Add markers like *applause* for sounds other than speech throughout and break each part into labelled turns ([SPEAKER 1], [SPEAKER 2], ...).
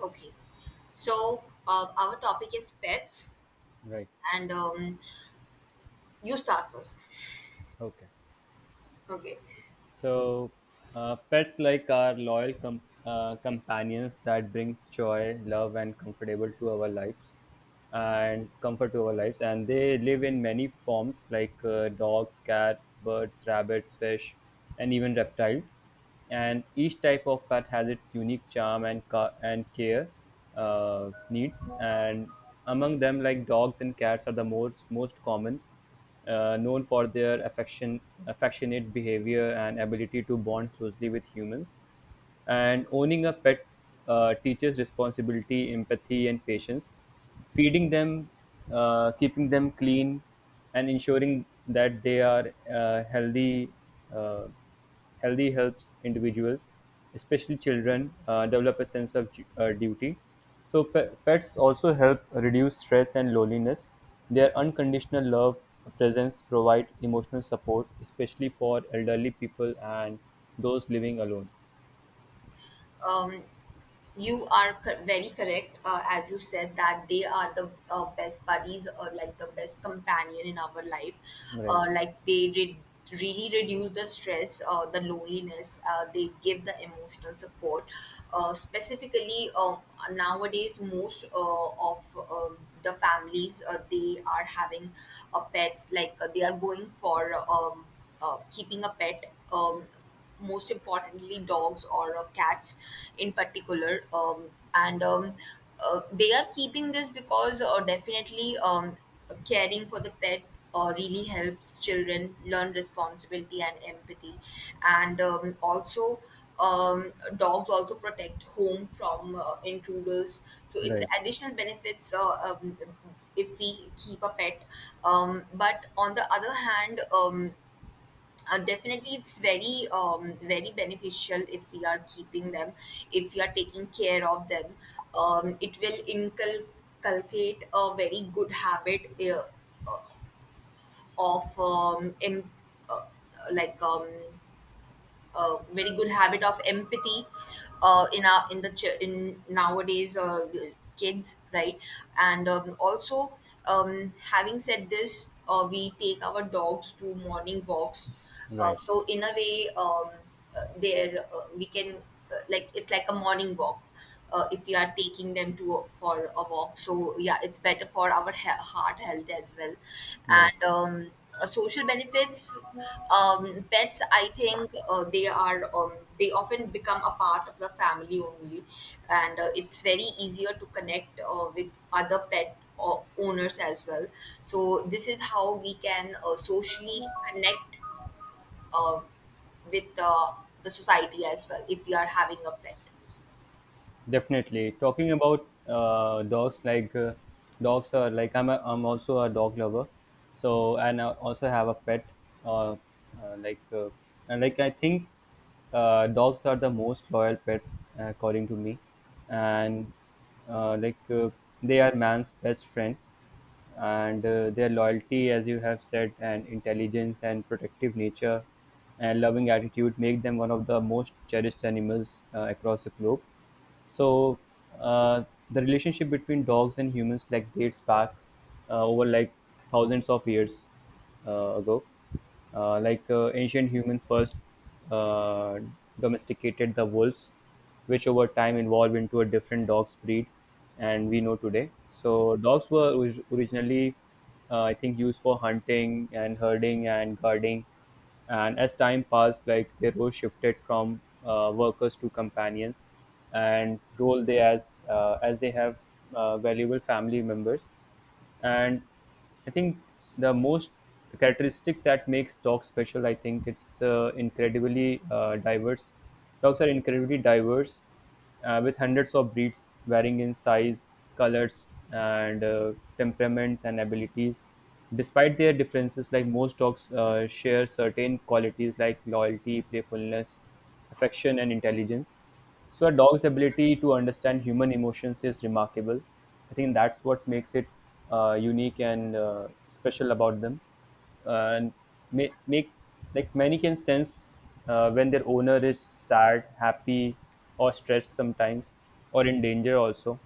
[SPEAKER 1] Okay. So our topic is pets,
[SPEAKER 2] Right.
[SPEAKER 1] and you start first.
[SPEAKER 2] Okay.
[SPEAKER 1] Okay.
[SPEAKER 2] So, pets like are loyal companions that brings joy, love, and comfort to our lives. And they live in many forms like dogs, cats, birds, rabbits, fish, and even reptiles. And each type of pet has its unique charm and and care needs. And among them, like dogs and cats are the most common, known for their affectionate behavior and ability to bond closely with humans. And owning a pet teaches responsibility, empathy, and patience. Feeding them, keeping them clean, and ensuring that they are healthy. Uh, Healthy helps individuals, especially children, develop a sense of duty. So pets also help reduce stress and loneliness. Their unconditional love presence provide emotional support, especially for elderly people and those living alone.
[SPEAKER 1] Um, You are very correct, as you said that they are the best buddies or like the best companion in our life.
[SPEAKER 2] Right,
[SPEAKER 1] Like they re really reduce the stress, the loneliness. They give the emotional support. Specifically, nowadays most uh, of um the families they are having pets. They are going for keeping a pet. Most importantly dogs or cats in particular, and they are keeping this because definitely, caring for the pet really helps children learn responsibility and empathy, and also um, dogs also protect home from intruders, so it's
[SPEAKER 2] right,
[SPEAKER 1] additional benefits, if we keep a pet. But on the other hand, definitely it's very beneficial if we are keeping them, if we are taking care of them. It will inculcate a very good habit, of em- uh, like a very good habit of empathy in our in the ch- in nowadays kids, right? And also, having said this, we take our dogs to morning walks,
[SPEAKER 2] right,
[SPEAKER 1] so in a way, there we can, like, it's like a morning walk if we are taking them for a walk. So yeah, it's better for our heart health as well.
[SPEAKER 2] right.
[SPEAKER 1] And social benefits, pets, I think they often become a part of the family only, and it's very easier to connect with other pet owners as well. So this is how we can socially connect uh, with the society as well if we are having a pet.
[SPEAKER 2] Definitely. Talking about dogs, like dogs are like I'm also a dog lover, so and I also have a pet. Uh, uh, like uh, and like I think dogs are the most loyal pets according to me, and uh, like uh, they are man's best friend and their loyalty, as you have said, and intelligence and protective nature and loving attitude make them one of the most cherished animals across the globe. So uh, the relationship between dogs and humans like dates back over like thousands of years ago. Ancient humans first uh, domesticated the wolves, which over time evolved into a different dog's breed and we know today. So dogs were originally, I think, used for hunting and herding and guarding. And as time passed, like their role shifted from workers to companions, and role they as they have valuable family members. And I think the most the characteristics that makes dogs special, I think it's the incredibly diverse dogs are incredibly diverse, with hundreds of breeds varying in size, colors, and temperaments and abilities. Despite their differences, like most dogs share certain qualities like loyalty, playfulness, affection, and intelligence. So a dog's ability to understand human emotions is remarkable. I think that's what makes it unique and special about them. And make, make Like many can sense when their owner is sad, happy, or stressed sometimes, or in danger also,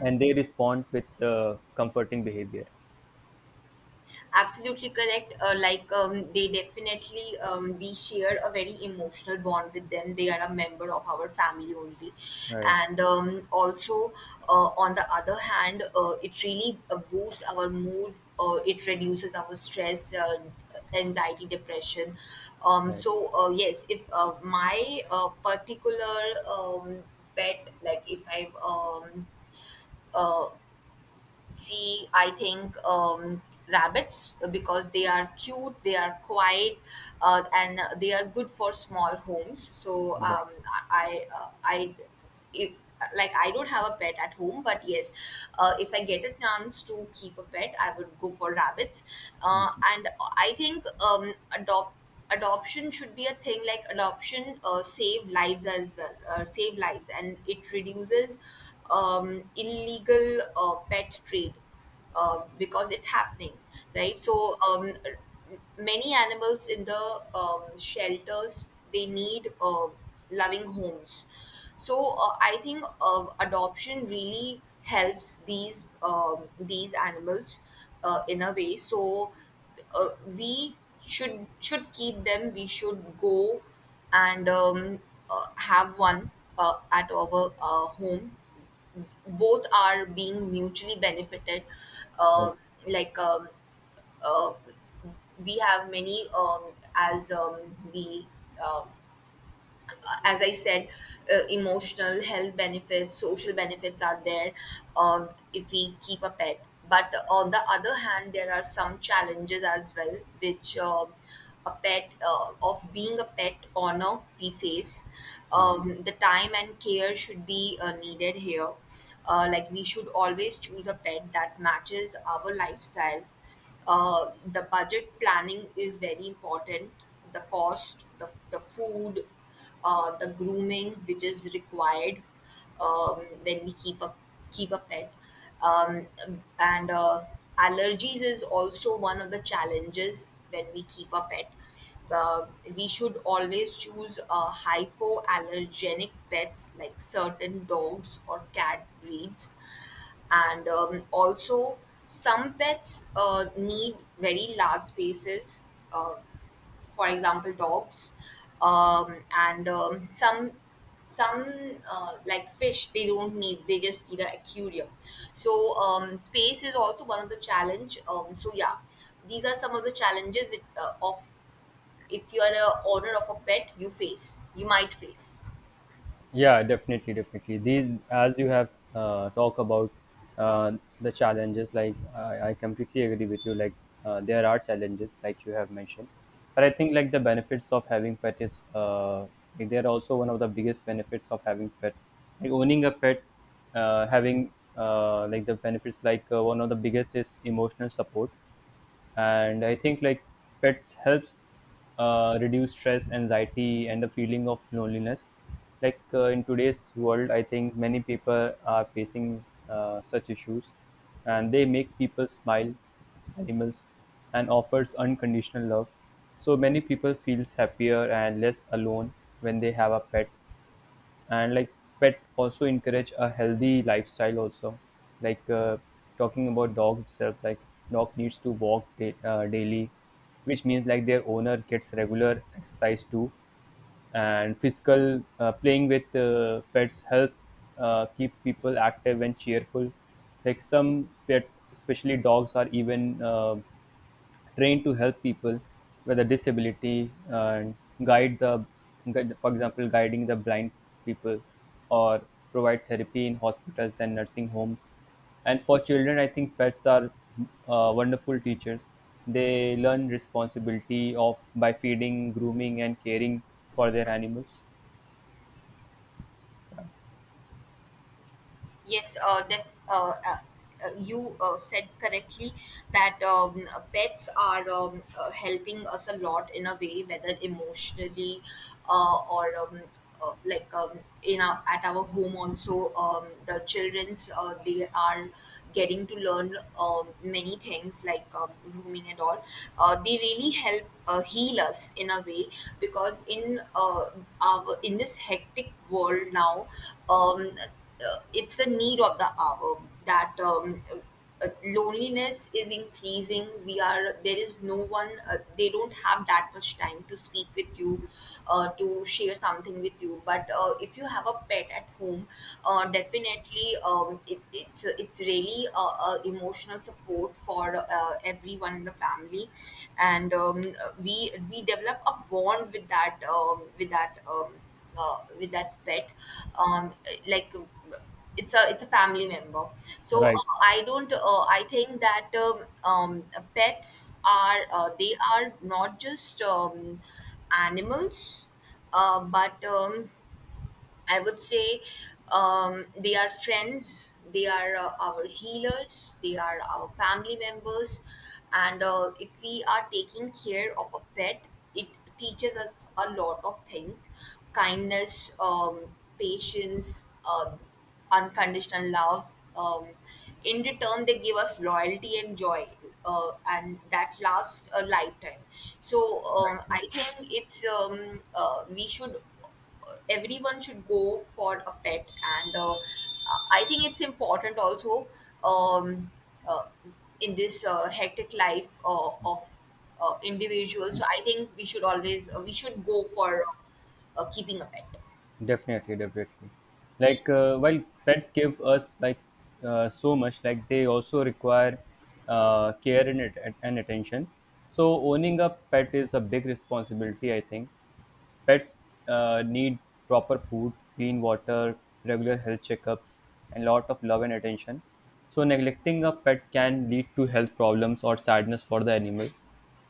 [SPEAKER 2] and they respond with comforting behavior.
[SPEAKER 1] Absolutely correct. They definitely, we share a very emotional bond with them. They are a member of our family only,
[SPEAKER 2] Right,
[SPEAKER 1] and also on the other hand, it really boosts our mood. It reduces our stress, anxiety, depression. Um,
[SPEAKER 2] right,
[SPEAKER 1] so uh, yes, if my particular um, pet, like if I, see, I think rabbits, because they are cute, they are quiet, and they are good for small homes, so I if like I don't have a pet at home, but yes, if I get a chance to keep a pet, I would go for rabbits. And I think adopt adoption should be a thing. Like adoption save lives as well, save lives, and it reduces illegal pet trade, because it's happening, right? So many animals in the shelters, they need loving homes. So I think adoption really helps these, these animals in a way. So we should keep them. We should go and have one at our home. Both are being mutually benefited,
[SPEAKER 2] right,
[SPEAKER 1] uh, like um, uh, we have many, uh, as I said, emotional health benefits, social benefits are there if we keep a pet. But on the other hand, there are some challenges as well, which, a pet, of being a pet owner, we face.
[SPEAKER 2] right.
[SPEAKER 1] The time and care should be needed here. Like, we should always choose a pet that matches our lifestyle, the budget planning is very important, the cost, the food, the grooming which is required when we keep a pet, um, and allergies is also one of the challenges when we keep a pet. uh, we should always choose hypoallergenic pets like certain dogs or cat breeds, and also some pets need very large spaces, uh, for example dogs, and some like fish, they don't need, they just need a aquarium. So space is also one of the challenge. So yeah, these are some of the challenges with, of, if you are a owner of a pet, you face, you might face.
[SPEAKER 2] Yeah, definitely, definitely. These, as you have talked about uh, the challenges, like I completely agree with you. Like there are challenges, like you have mentioned, but I think like the benefits of having pet is like, they are also one of the biggest benefits of having pets. Like owning a pet, having like the benefits, like one of the biggest is emotional support. And I think like pets helps reduce stress, anxiety, and the feeling of loneliness. Like in today's world, I think many people are facing such issues, and they make people smile, animals, and offers unconditional love, so many people feels happier and less alone when they have a pet. And like pet also encourage a healthy lifestyle also, like talking about dog itself, like dog needs to walk daily, which means like their owner gets regular exercise too. And physical playing with pets help keep people active and cheerful. Like some pets, especially dogs, are even trained to help people with a disability and guide the guide, for example, guiding the blind people, or provide therapy in hospitals and nursing homes. And for children, I think pets are wonderful teachers. They learn responsibility of by feeding, grooming, and caring for their animals.
[SPEAKER 1] Yes, you said correctly that pets are, helping us a lot in a way, whether emotionally or like in our, at our home also. The childrens, they are getting to learn many things like grooming and all. They really help heal us in a way, because in our in this hectic world now, um, it's the need of the hour that, loneliness is increasing, we are, there is no one, they don't have that much time to speak with you, to share something with you. But if you have a pet at home, definitely it's really a emotional support for everyone in the family, and we develop a bond with that, with that pet, um like it's a, it's a family member. So
[SPEAKER 2] Right.
[SPEAKER 1] I don't I think that um pets are, they are not just animals, but I would say they are friends, they are our healers, they are our family members. And if we are taking care of a pet, it teaches us a lot of things, kindness, patience, unconditional love. In return, they give us loyalty and joy, and that lasts a lifetime. So I think it's, we should everyone should go for a pet. And I think it's important also, um, uh, in this hectic life of individuals. So I think we should always, we should go for keeping a pet.
[SPEAKER 2] Definitely, definitely. Like while pets give us like so much, like they also require care and, at- and attention. So owning a pet is a big responsibility, I think. Pets need proper food, clean water, regular health checkups, and lot of love and attention. So neglecting a pet can lead to health problems or sadness for the animal.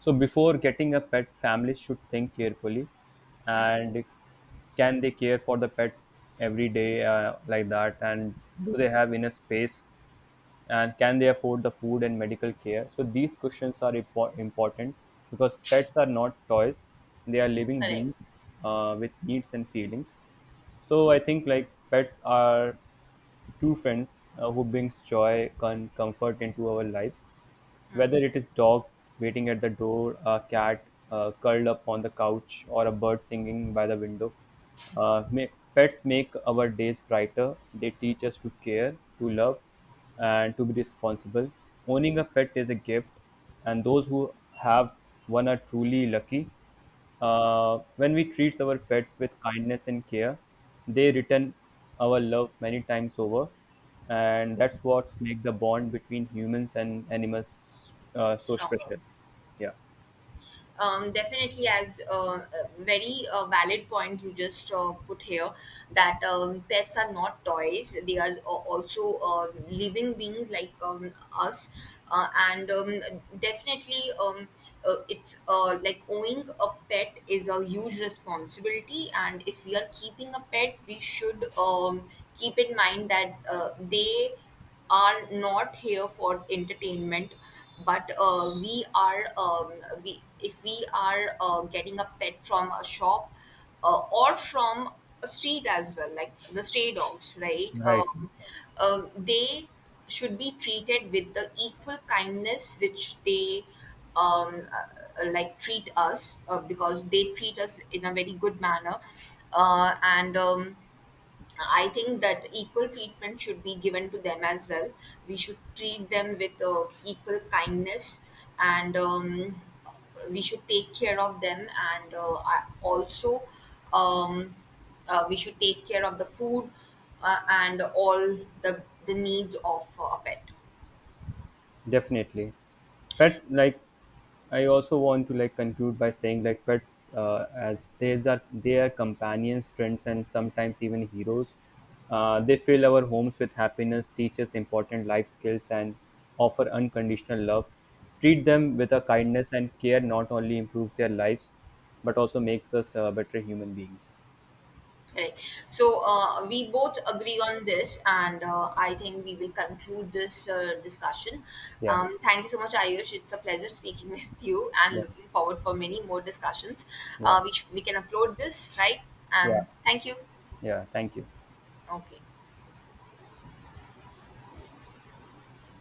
[SPEAKER 2] So before getting a pet, families should think carefully and can they care for the pet every day like that, and do they have enough space, and can they afford the food and medical care? So these questions are important because pets are not toys, they are living
[SPEAKER 1] Correct.
[SPEAKER 2] beings with needs and feelings. So I think like pets are true friends who brings joy and comfort into our lives. Whether it is dog waiting at the door, a cat curled up on the couch, or a bird singing by the window, pets make our days brighter. They teach us to care, to love, and to be responsible. Owning a pet is a gift, and those who have one are truly lucky. When we treat our pets with kindness and care, they return our love many times over, and that's what makes the bond between humans and animals so
[SPEAKER 1] Strong.
[SPEAKER 2] special. Yeah.
[SPEAKER 1] Definitely, as a very valid point you just put here, that pets are not toys, they are also living beings like us, and definitely, it's like owning a pet is a huge responsibility. And if we are keeping a pet, we should, keep in mind that they are not here for entertainment, but we are, we, if we are getting a pet from a shop, or from a street as well, like the stray dogs, right?
[SPEAKER 2] Right.
[SPEAKER 1] They should be treated with the equal kindness which they, like treat us, because they treat us in a very good manner. And I think that equal treatment should be given to them as well. We should treat them with equal kindness, and we should take care of them. And also, um, we should take care of the food and all the needs of a pet.
[SPEAKER 2] Definitely. Pets, like, I also want to like conclude by saying like pets as these are they are companions, friends, and sometimes even heroes. They fill our homes with happiness, teach us important life skills, and offer unconditional love. Treat them with a kindness and care not only improves their lives, but also makes us better human beings.
[SPEAKER 1] Right. So we both agree on this, and I think we will conclude this discussion.
[SPEAKER 2] Yeah,
[SPEAKER 1] Thank you so much, Ayush. It's a pleasure speaking *laughs* with you, and
[SPEAKER 2] yeah,
[SPEAKER 1] looking forward for many more discussions.
[SPEAKER 2] yeah,
[SPEAKER 1] We can upload this, right,
[SPEAKER 2] yeah,
[SPEAKER 1] and thank you.
[SPEAKER 2] yeah. Thank you.
[SPEAKER 1] Okay.